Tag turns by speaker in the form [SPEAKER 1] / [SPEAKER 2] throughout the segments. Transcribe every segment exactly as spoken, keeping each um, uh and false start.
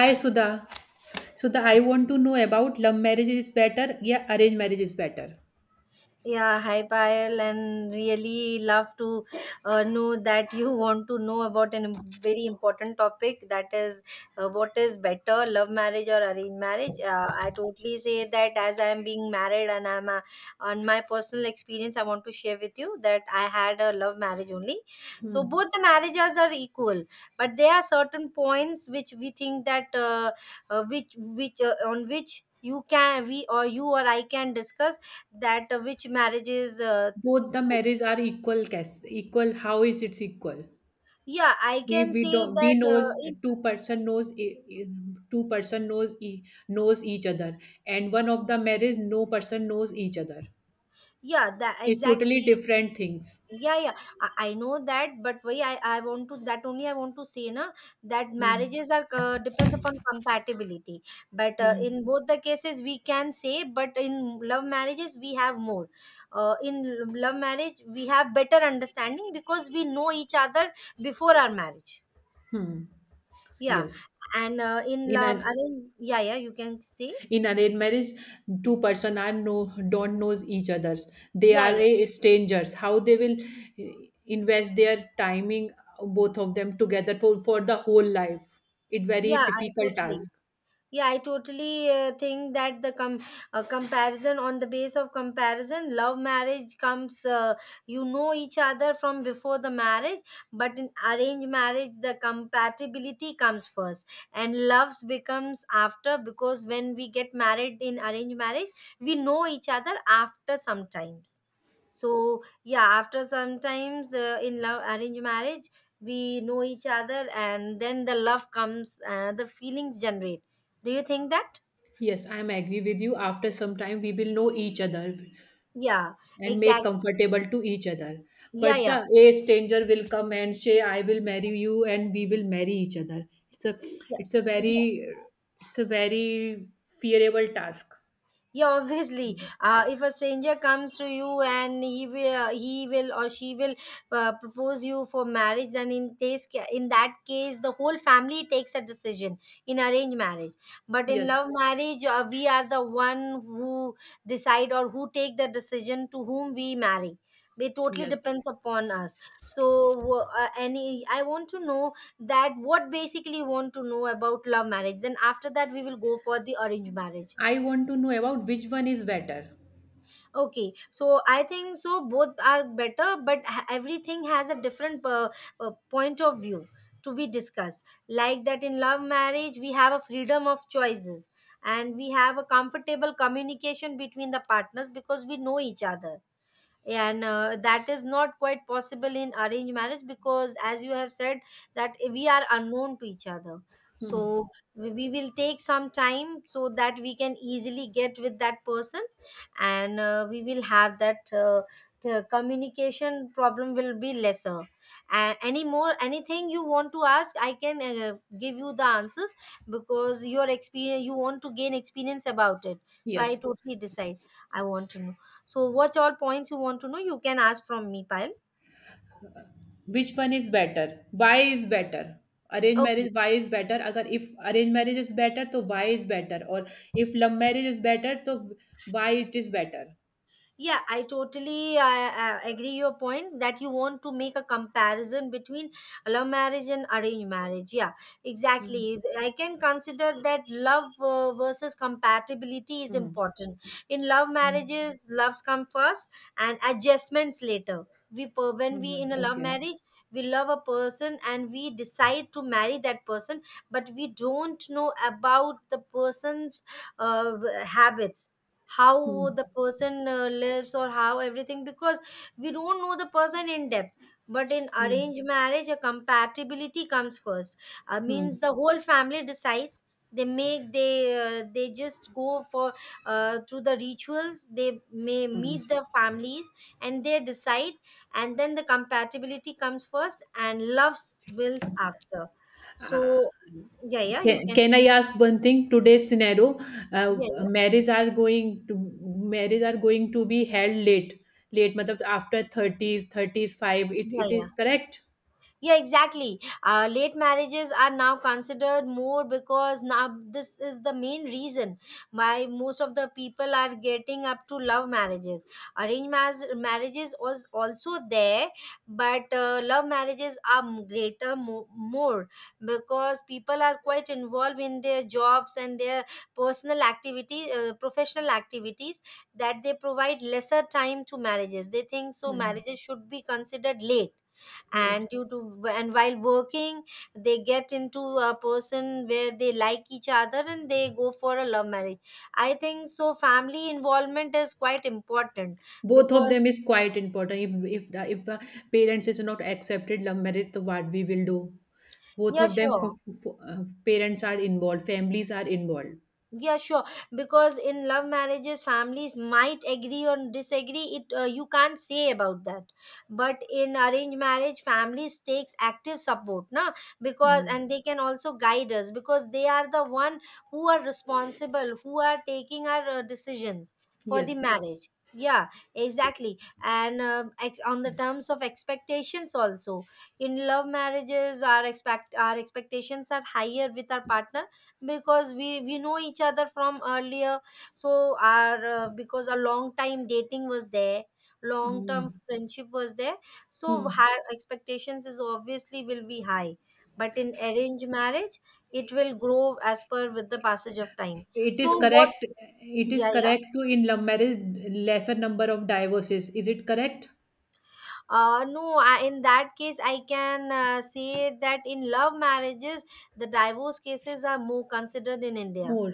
[SPEAKER 1] Hi Sudha. Sudha, I want to know about love marriage is better, yeah, arranged marriage is better.
[SPEAKER 2] Yeah, hi Payal, and really love to uh, know that you want to know about a very important topic, that is, uh, what is better, love marriage or arranged marriage. Uh, I totally say that as I am being married and I'm a, on my personal experience, I want to share with you that I had a love marriage only. So
[SPEAKER 1] Hmm.
[SPEAKER 2] both the marriages are equal, but there are certain points which we think that uh, uh, which which uh, on which you can, we or you or I, can discuss that uh, which marriages uh,
[SPEAKER 1] Both the
[SPEAKER 2] group.
[SPEAKER 1] marriage are equal, case equal. How is it equal?
[SPEAKER 2] yeah I
[SPEAKER 1] We
[SPEAKER 2] can
[SPEAKER 1] we
[SPEAKER 2] say
[SPEAKER 1] don't we
[SPEAKER 2] that uh,
[SPEAKER 1] knows
[SPEAKER 2] if-
[SPEAKER 1] two person knows e- e- two person knows e- knows each other, and one of the marriage no person knows each other.
[SPEAKER 2] yeah that
[SPEAKER 1] It's totally
[SPEAKER 2] exactly.
[SPEAKER 1] different things.
[SPEAKER 2] Yeah yeah i, I know that, but why I, I want to, that only I want to say na, that
[SPEAKER 1] Hmm.
[SPEAKER 2] marriages are, uh, depends upon compatibility. But uh,
[SPEAKER 1] Hmm.
[SPEAKER 2] in both the cases we can say, but in love marriages we have more uh, in l- love marriage, we have better understanding because we know each other before our marriage.
[SPEAKER 1] Hmm.
[SPEAKER 2] Yeah
[SPEAKER 1] Yes.
[SPEAKER 2] and uh, in
[SPEAKER 1] In
[SPEAKER 2] love I
[SPEAKER 1] an
[SPEAKER 2] mean. Yeah yeah you can say.
[SPEAKER 1] in arranged marriage two person are no don't knows each others, they
[SPEAKER 2] yeah
[SPEAKER 1] are
[SPEAKER 2] yeah
[SPEAKER 1] a strangers. How they will eh, invest their timing, both of them together for, for the whole life. It very
[SPEAKER 2] Yeah, I
[SPEAKER 1] difficult
[SPEAKER 2] totally.
[SPEAKER 1] task.
[SPEAKER 2] Yeah, I totally uh, think that the com- uh, comparison, on the base of comparison, love marriage comes, uh, you know each other from before the marriage, but in arranged marriage, the compatibility comes first and loves becomes after, because when we get married in arranged marriage, we know each other after sometimes. So, yeah, after sometimes uh, in love arranged marriage, we know each other and then the love comes, uh, the feelings generate. Do you think that?
[SPEAKER 1] Yes, I am agree with you, after some time we will know each other
[SPEAKER 2] Yeah,
[SPEAKER 1] and make
[SPEAKER 2] exactly.
[SPEAKER 1] comfortable to each other.
[SPEAKER 2] Yeah,
[SPEAKER 1] But the
[SPEAKER 2] yeah,
[SPEAKER 1] a stranger will come and say I will marry you and we will marry each other. it's a
[SPEAKER 2] yeah,
[SPEAKER 1] it's a very
[SPEAKER 2] yeah.
[SPEAKER 1] it's a very fearable task.
[SPEAKER 2] yeah obviously, uh, if a stranger comes to you and he will he will or she will uh, propose you for marriage, then in case in that case the whole family takes a decision in arranged marriage. But in
[SPEAKER 1] Yes,
[SPEAKER 2] love marriage, uh, we are the one who decide or who take the decision to whom we marry. It totally
[SPEAKER 1] yes.
[SPEAKER 2] depends upon us. So, uh, any, I want to know that what basically you want to know about love marriage, then after that we will go for the arranged marriage.
[SPEAKER 1] I want to know about which one is better.
[SPEAKER 2] Okay, so I think so both are better, but ha- everything has a different uh, uh, point of view to be discussed. Like that in love marriage, we have a freedom of choices and we have a comfortable communication between the partners because we know each other. And uh, that is not quite possible in arranged marriage because, as you have said, that we are unknown to each other. So we we will take some time so that we can easily get with that person, and uh, we will have that, uh, the communication problem will be lesser. And any more, anything you want to ask, I can uh, give you the answers, because your experience, you want to gain experience about it. So I
[SPEAKER 1] Yes.
[SPEAKER 2] totally decide, I want to know, so what all points you want to know, you can ask from me, Payal.
[SPEAKER 1] Which one is better? Why is better? Arrange
[SPEAKER 2] Okay.
[SPEAKER 1] marriage, why is better? अगर if arrange marriage is better, तो why is better? और if love marriage is better, तो why it is better?
[SPEAKER 2] yeah I totally uh, uh, agree your points, that you want to make a comparison between love marriage and arranged marriage. Yeah, exactly,
[SPEAKER 1] hmm.
[SPEAKER 2] I can consider that love uh, versus compatibility is
[SPEAKER 1] hmm.
[SPEAKER 2] important. In love
[SPEAKER 1] hmm,
[SPEAKER 2] marriages, loves come first and adjustments later. We per- when we
[SPEAKER 1] hmm,
[SPEAKER 2] in a love
[SPEAKER 1] okay.
[SPEAKER 2] marriage, we love a person and we decide to marry that person, but we don't know about the person's uh, habits, how
[SPEAKER 1] hmm.
[SPEAKER 2] the person uh, lives or how everything, because we don't know the person in depth. But in
[SPEAKER 1] hmm.
[SPEAKER 2] arranged marriage, a compatibility comes first. uh,
[SPEAKER 1] hmm.
[SPEAKER 2] means the whole family decides. They make they uh, They just go for, uh, through the rituals, they may meet the families and they decide, and then the compatibility comes first and love builds after.
[SPEAKER 1] Hmm.
[SPEAKER 2] So, yeah yeah you
[SPEAKER 1] Can,
[SPEAKER 2] can.
[SPEAKER 1] can I ask one thing? Today's scenario, uh,
[SPEAKER 2] yeah yeah
[SPEAKER 1] marriage are going to marriage are going to be held late, late. मतलब after thirties, thirties five. It
[SPEAKER 2] yeah
[SPEAKER 1] it
[SPEAKER 2] yeah
[SPEAKER 1] is correct.
[SPEAKER 2] Yeah, exactly. Uh, late marriages are now considered more, because now this is the main reason why most of the people are getting up to love marriages. Arranged mar- marriages was also there, but uh, love marriages are m- greater mo- more, because people are quite involved in their jobs and their personal activity, uh, professional activities, that they provide lesser time to marriages. They think so,
[SPEAKER 1] Hmm.
[SPEAKER 2] marriages should be considered late, and
[SPEAKER 1] Late.
[SPEAKER 2] due to, and while working, they get into a person where they like each other and they go for a love marriage. I think so, family involvement is quite important
[SPEAKER 1] Both of
[SPEAKER 2] because.
[SPEAKER 1] them is quite important. If if the, if the parents is not accepted love marriage, so what we will do? Both
[SPEAKER 2] Yeah,
[SPEAKER 1] of them,
[SPEAKER 2] sure.
[SPEAKER 1] for, for, uh, parents are involved, families are involved.
[SPEAKER 2] Yeah, sure, because in love marriages families might agree or disagree it, uh, you can't say about that. But in arranged marriage, families takes active support na, because,
[SPEAKER 1] Hmm.
[SPEAKER 2] and they can also guide us because they are the one who are responsible, who are taking our uh, decisions for the
[SPEAKER 1] Yes.
[SPEAKER 2] marriage. Yeah, exactly. And uh, ex- on the terms of expectations also, in love marriages our expect our expectations are higher with our partner, because we we know each other from earlier. So our, uh, because a long time dating was there, long
[SPEAKER 1] Hmm.
[SPEAKER 2] term friendship was there, so
[SPEAKER 1] Hmm.
[SPEAKER 2] high expectations is obviously will be high. But in arranged marriage it will grow as per with the passage of time.
[SPEAKER 1] It
[SPEAKER 2] So
[SPEAKER 1] is
[SPEAKER 2] what?
[SPEAKER 1] correct. It is
[SPEAKER 2] Yeah, yeah.
[SPEAKER 1] correct to in love marriage lesser number of divorces. Is it correct?
[SPEAKER 2] Uh no I, in that case I can uh, say that in love marriages the divorce cases are more considered in india.
[SPEAKER 1] More.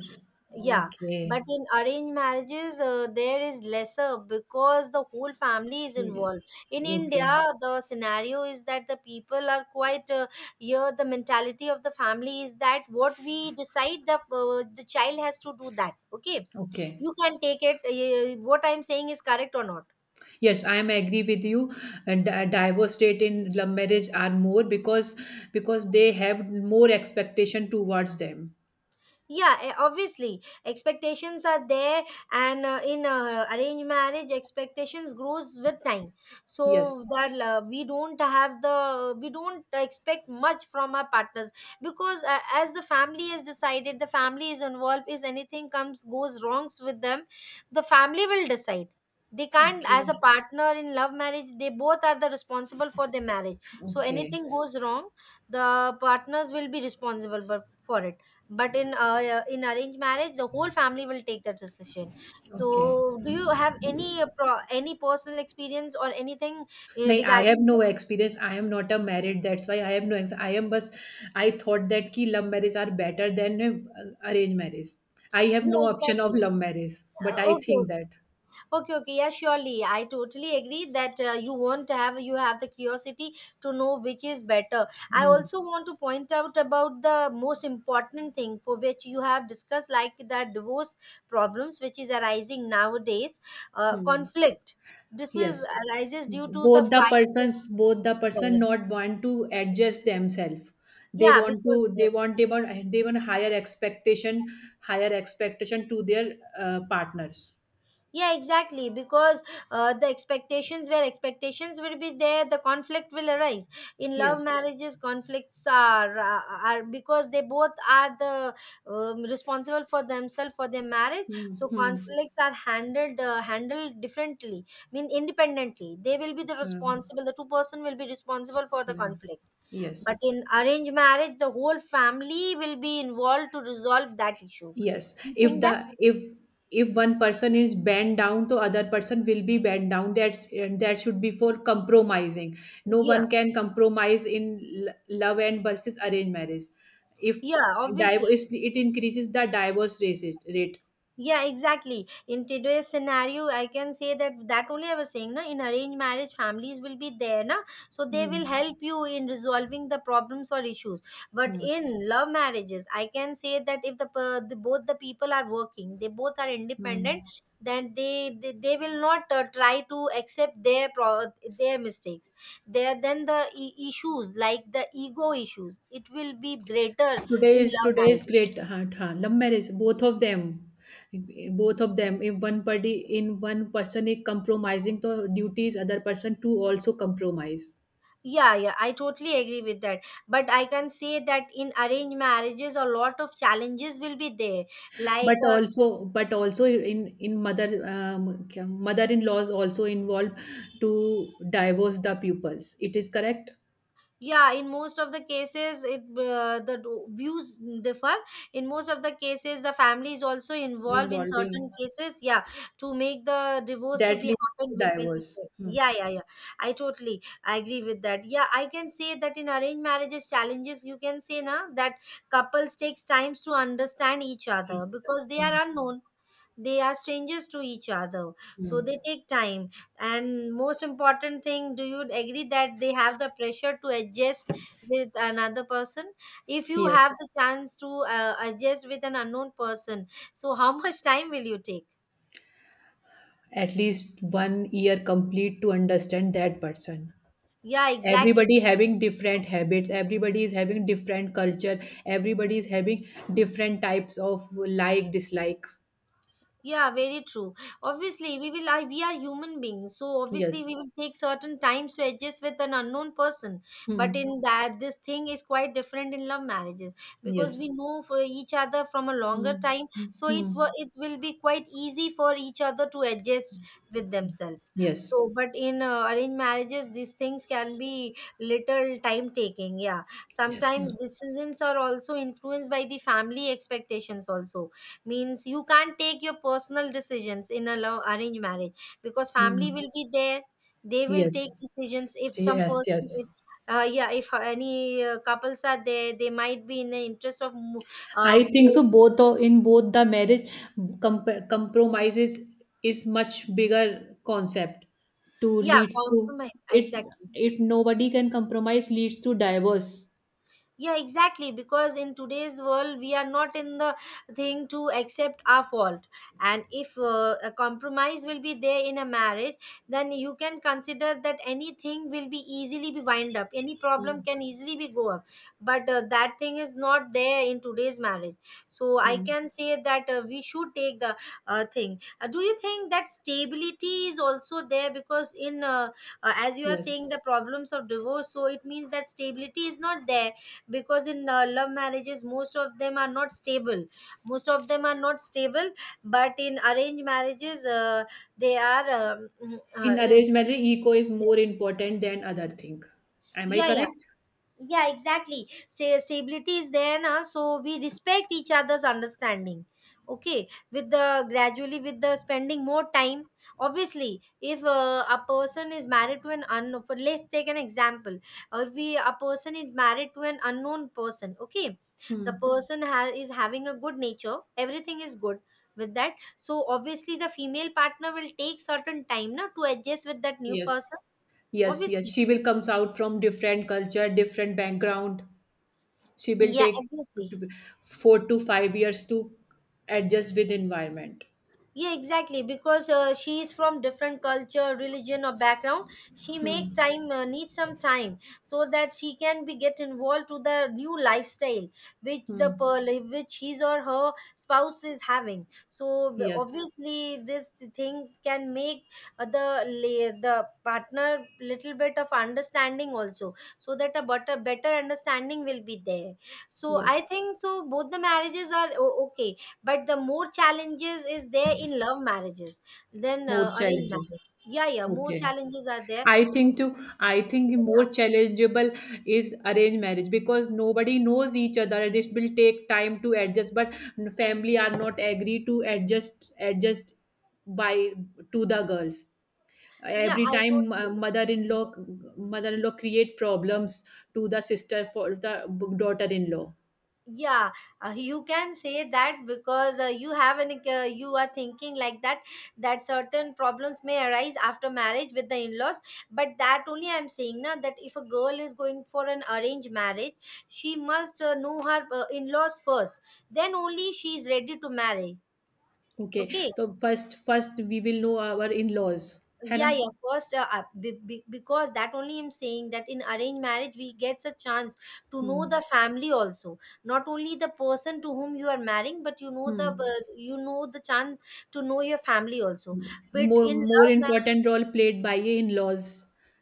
[SPEAKER 2] Yeah,
[SPEAKER 1] Okay.
[SPEAKER 2] but in arranged marriages, uh, there is lesser because the whole family is
[SPEAKER 1] Yeah.
[SPEAKER 2] involved. In India,
[SPEAKER 1] Okay.
[SPEAKER 2] the scenario is that the people are quite uh, here. The mentality of the family is that what we decide, the uh, the child has to do that. Okay,
[SPEAKER 1] Okay.
[SPEAKER 2] you can take it. Uh, what I'm saying is correct or not?
[SPEAKER 1] Yes, I am agree with you. And di- divorce rate in love marriage are more because because they have more expectation towards them.
[SPEAKER 2] Yeah eh, obviously expectations are there, and uh, in uh, arranged marriage expectations grows with time,
[SPEAKER 1] Yes.
[SPEAKER 2] so that uh, we don't have, the we don't expect much from our partners, because uh, as the family has decided, the family is involved. If anything comes, goes wrongs with them, the family will decide. They can't, as a
[SPEAKER 1] Okay.
[SPEAKER 2] partner in love marriage, they both are the responsible for their marriage, so
[SPEAKER 1] Okay.
[SPEAKER 2] anything goes wrong the partners will be responsible for for it. But in uh, in arranged marriage, the whole family will take that decision.
[SPEAKER 1] Okay.
[SPEAKER 2] So, do you have any uh, pro- any personal experience or anything uh,
[SPEAKER 1] नहीं I have
[SPEAKER 2] regarding
[SPEAKER 1] no
[SPEAKER 2] that?
[SPEAKER 1] Experience I am not a married that's why I have no ex I am बस I thought that कि love marriage are better than arrange marriage I have
[SPEAKER 2] Yeah,
[SPEAKER 1] no option
[SPEAKER 2] exactly.
[SPEAKER 1] Of love marriage but
[SPEAKER 2] Uh,
[SPEAKER 1] I think
[SPEAKER 2] okay.
[SPEAKER 1] That.
[SPEAKER 2] Okay, okay, yeah, surely. I totally agree that uh, you want to have you have the curiosity to know which is better. I also want to point out about the most important thing for which you have discussed, like the divorce problems which is arising nowadays, uh, conflict. This is
[SPEAKER 1] Yes,
[SPEAKER 2] arises due to the
[SPEAKER 1] both the
[SPEAKER 2] fight.
[SPEAKER 1] persons both the
[SPEAKER 2] Yeah, yeah.
[SPEAKER 1] person not want to adjust themselves. They
[SPEAKER 2] Yeah,
[SPEAKER 1] want
[SPEAKER 2] because
[SPEAKER 1] to they
[SPEAKER 2] yes,
[SPEAKER 1] want they want They want higher expectation, higher expectation to their uh, partners.
[SPEAKER 2] yeah exactly, because uh, the expectations where expectations will be there, the conflict will arise. In love
[SPEAKER 1] Yes.
[SPEAKER 2] marriages conflicts are are are- because they both are the um, responsible for themselves, for their marriage,
[SPEAKER 1] Hmm,
[SPEAKER 2] so
[SPEAKER 1] hmm,
[SPEAKER 2] conflicts are handled uh, handled differently, I mean independently, they will be the responsible, the two person will be responsible for the
[SPEAKER 1] hmm.
[SPEAKER 2] conflict. But
[SPEAKER 1] Yes.
[SPEAKER 2] in arranged marriage the whole family will be involved to resolve that issue.
[SPEAKER 1] Yes,
[SPEAKER 2] Do you
[SPEAKER 1] if
[SPEAKER 2] think
[SPEAKER 1] the
[SPEAKER 2] that?
[SPEAKER 1] if if one person is bent down, the other person will be bent down. That's that should be for compromising. No
[SPEAKER 2] Yeah,
[SPEAKER 1] one can compromise in l- love and versus arranged marriage. If
[SPEAKER 2] yeah, obviously.
[SPEAKER 1] divorce, it increases the divorce rate. Rate.
[SPEAKER 2] Yeah, exactly. In today's scenario, I can say that, that only I was saying, na, in arranged marriage, families will be there, na, so they will
[SPEAKER 1] Hmm.
[SPEAKER 2] help you in resolving the problems or issues. But
[SPEAKER 1] Hmm.
[SPEAKER 2] in love marriages, I can say that if the, per- the both the people are working, they both are independent,
[SPEAKER 1] Hmm.
[SPEAKER 2] then they they, they will not uh, try to accept their pro- their mistakes. There, then the i- issues, like the ego issues, it will be greater in
[SPEAKER 1] Today is
[SPEAKER 2] love
[SPEAKER 1] today is
[SPEAKER 2] marriage.
[SPEAKER 1] great. Huh, huh, love marriage, both of them, both of them. If one party in one person is compromising, the duties other person to also compromise.
[SPEAKER 2] Yeah, yeah, I totally agree with that. But I can say that in arranged marriages, a lot of challenges will be there. Like,
[SPEAKER 1] But
[SPEAKER 2] uh,
[SPEAKER 1] also, but also in in mother um, mother-in-laws also involved to divorce the pupils. It is correct,
[SPEAKER 2] yeah, in most of the cases, it uh, the do- views differ. In most of the cases, the family is also involved in certain
[SPEAKER 1] involving
[SPEAKER 2] cases. Yeah, to make the divorce to
[SPEAKER 1] that
[SPEAKER 2] be
[SPEAKER 1] leads
[SPEAKER 2] happen
[SPEAKER 1] to
[SPEAKER 2] between the
[SPEAKER 1] divorce.
[SPEAKER 2] two.
[SPEAKER 1] Hmm.
[SPEAKER 2] Yeah, yeah, yeah. I totally agree with that. Yeah, I can say that in arranged marriages, challenges, you can say na, that couples takes times to understand each
[SPEAKER 1] Each
[SPEAKER 2] other
[SPEAKER 1] other.
[SPEAKER 2] because they
[SPEAKER 1] Hmm.
[SPEAKER 2] are unknown, they are strangers to each other, so
[SPEAKER 1] Hmm.
[SPEAKER 2] they take time. And most important thing, do you agree that they have the pressure to adjust with another person? If you have
[SPEAKER 1] Yes,
[SPEAKER 2] the chance to uh, adjust with an unknown person, so how much time will you take?
[SPEAKER 1] at least one year complete to understand that person.
[SPEAKER 2] Yeah, exactly.
[SPEAKER 1] Everybody having different habits. Everybody is having different culture. Everybody is having different types of like dislikes.
[SPEAKER 2] Yeah, very true. Obviously, we will. I, we are human beings, so obviously
[SPEAKER 1] Yes.
[SPEAKER 2] we will take certain times to adjust with an unknown person. But
[SPEAKER 1] Hmm.
[SPEAKER 2] in that, this thing is quite different in love marriages, because we
[SPEAKER 1] Yes.
[SPEAKER 2] know for each other from a longer
[SPEAKER 1] Mm,
[SPEAKER 2] time, so it
[SPEAKER 1] mhm.
[SPEAKER 2] wa- it will be quite easy for each other to adjust with themselves.
[SPEAKER 1] Yes,
[SPEAKER 2] So, but in uh, arranged marriages, these things can be little time taking. Yeah,
[SPEAKER 1] yes,
[SPEAKER 2] sometimes decisions are also influenced by the family expectations also, means you can't take your personal decisions in a love arranged marriage because family
[SPEAKER 1] mm,
[SPEAKER 2] will be there. They will take
[SPEAKER 1] yes,
[SPEAKER 2] decisions if some
[SPEAKER 1] yes,
[SPEAKER 2] person,
[SPEAKER 1] yes.
[SPEAKER 2] if, uh, yeah, if any uh, couples are there, they might be in the interest of mo-
[SPEAKER 1] I
[SPEAKER 2] um,
[SPEAKER 1] think so. Both o- in both the marriage, comp- compromises is is much bigger concept to
[SPEAKER 2] yeah,
[SPEAKER 1] leads to
[SPEAKER 2] compromise
[SPEAKER 1] it's
[SPEAKER 2] exactly.
[SPEAKER 1] if nobody can compromise leads to divorce.
[SPEAKER 2] Yeah exactly, because in today's world we are not in the thing to accept our fault. And if uh, a compromise will be there in a marriage, then you can consider that anything will be easily be wind up, any problem
[SPEAKER 1] Mm,
[SPEAKER 2] can easily be go up. But uh, that thing is not there in today's marriage. So I
[SPEAKER 1] mm,
[SPEAKER 2] can say that uh, we should take the uh, thing. Uh, do you think that stability is also there, because in uh, uh, as you are
[SPEAKER 1] yes,
[SPEAKER 2] saying the problems of divorce, so it means that stability is not there, because in uh, love marriages most of them are not stable. Most of them are not stable, but in arranged marriages uh, they are um, mm,
[SPEAKER 1] in
[SPEAKER 2] uh,
[SPEAKER 1] arranged marriage, ego is
[SPEAKER 2] yeah,
[SPEAKER 1] more important than other thing. Am I
[SPEAKER 2] yeah,
[SPEAKER 1] correct?
[SPEAKER 2] yeah exactly. Sta stability is there now, so we respect each other's understanding, okay, with the gradually, with the spending more time. Obviously, if uh, a person is married to an unknown, for let's take an example, uh, if we a person is married to an unknown person, okay. The
[SPEAKER 1] Hmm.
[SPEAKER 2] person ha- is having a good nature, everything is good with that. So obviously the female partner will take certain time now to adjust with that new
[SPEAKER 1] Yes.
[SPEAKER 2] person.
[SPEAKER 1] Yes, yes.
[SPEAKER 2] Obviously,
[SPEAKER 1] She will comes out from different culture, different background. She will
[SPEAKER 2] yeah,
[SPEAKER 1] take
[SPEAKER 2] obviously,
[SPEAKER 1] four to five years to adjust with environment.
[SPEAKER 2] yeah exactly, because uh, she is from different culture religion or background. She make
[SPEAKER 1] Hmm.
[SPEAKER 2] time, uh, need some time so that she can be get involved to the new lifestyle which the
[SPEAKER 1] Hmm.
[SPEAKER 2] per- like, which his or her spouse is having. So b-
[SPEAKER 1] Yes.
[SPEAKER 2] obviously this thing can make uh, the la- the partner little bit of understanding also, so that a better better understanding will be there. So I
[SPEAKER 1] Yes.
[SPEAKER 2] think so both the marriages are o- okay, but the more challenges is there in love marriages than
[SPEAKER 1] More
[SPEAKER 2] uh, arranged
[SPEAKER 1] challenges.
[SPEAKER 2] marriage. Yeah, yeah, more
[SPEAKER 1] Okay.
[SPEAKER 2] challenges are there.
[SPEAKER 1] I think too. I think more challengeable is arranged marriage because nobody knows each other. This will take time to adjust, but family are not agree to adjust adjust by to the girls.
[SPEAKER 2] Yeah,
[SPEAKER 1] Every
[SPEAKER 2] I
[SPEAKER 1] time uh,
[SPEAKER 2] totally.
[SPEAKER 1] mother-in-law mother-in-law create problems to the sister for the daughter-in-law.
[SPEAKER 2] Yeah, uh, you can say that, because uh, you have an uh, you are thinking like that, that certain problems may arise after marriage with the in-laws. But that only I'm saying now, that if a girl is going for an arranged marriage, she must uh, know her uh, in-laws first, then only she is ready to marry.
[SPEAKER 1] Okay,
[SPEAKER 2] Okay.
[SPEAKER 1] so first first we will know our in-laws, है
[SPEAKER 2] Yeah,
[SPEAKER 1] ना?
[SPEAKER 2] yeah, first uh, uh, be, be, because that only I'm saying that in arranged marriage we gets a chance to
[SPEAKER 1] Hmm.
[SPEAKER 2] know the family also, not only the person to whom you are marrying, but you know the
[SPEAKER 1] Hmm.
[SPEAKER 2] uh, you know the chance to know your family also. But
[SPEAKER 1] more
[SPEAKER 2] in
[SPEAKER 1] more
[SPEAKER 2] love ma-
[SPEAKER 1] important role played by your in-laws,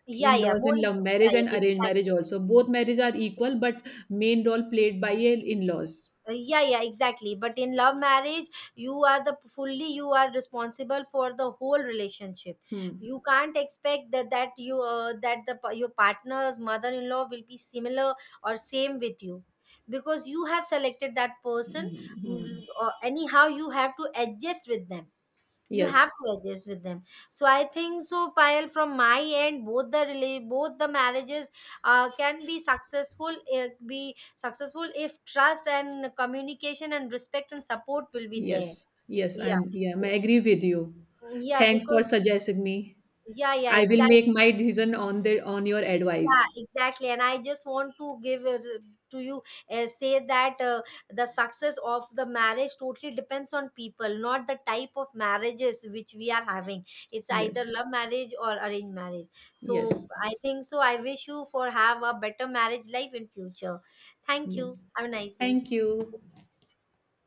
[SPEAKER 2] yeah, yeah,
[SPEAKER 1] in-laws
[SPEAKER 2] more
[SPEAKER 1] in love
[SPEAKER 2] important,
[SPEAKER 1] marriage
[SPEAKER 2] yeah,
[SPEAKER 1] and
[SPEAKER 2] yeah,
[SPEAKER 1] arranged marriage
[SPEAKER 2] exactly.
[SPEAKER 1] also. Both marriage are equal, but main role played by your in-laws.
[SPEAKER 2] Uh, yeah, yeah exactly, but in love marriage you are the fully you are responsible for the whole relationship.
[SPEAKER 1] Hmm.
[SPEAKER 2] You can't expect that that you uh, that the pa- your partner's mother-in-law will be similar or same with you, because you have selected that person.
[SPEAKER 1] Hmm, hmm.
[SPEAKER 2] Mm, or anyhow you have to adjust with them. You have
[SPEAKER 1] Yes,
[SPEAKER 2] to adjust with them. So I think so, Payal, from my end, both the rela- both the marriages uh, can be successful, uh, be successful if trust and communication and respect and support will be there.
[SPEAKER 1] yes, yes,
[SPEAKER 2] Yeah.
[SPEAKER 1] I'm, yeah, I
[SPEAKER 2] So,
[SPEAKER 1] agree with you.
[SPEAKER 2] mm, yeah,
[SPEAKER 1] Thanks for
[SPEAKER 2] because
[SPEAKER 1] suggesting me.
[SPEAKER 2] yeah, yeah
[SPEAKER 1] I will
[SPEAKER 2] exactly,
[SPEAKER 1] make my decision on the on your
[SPEAKER 2] yeah
[SPEAKER 1] advice.
[SPEAKER 2] exactly. And I just want to give uh, to you, uh, say that uh, the success of the marriage totally depends on people, not the type of marriages which we are having, it's either
[SPEAKER 1] Yes,
[SPEAKER 2] love marriage or arranged marriage. So
[SPEAKER 1] yes,
[SPEAKER 2] I think so I wish you for have a better marriage life in future. Thank you,
[SPEAKER 1] yes,
[SPEAKER 2] have a nice day.
[SPEAKER 1] thank you.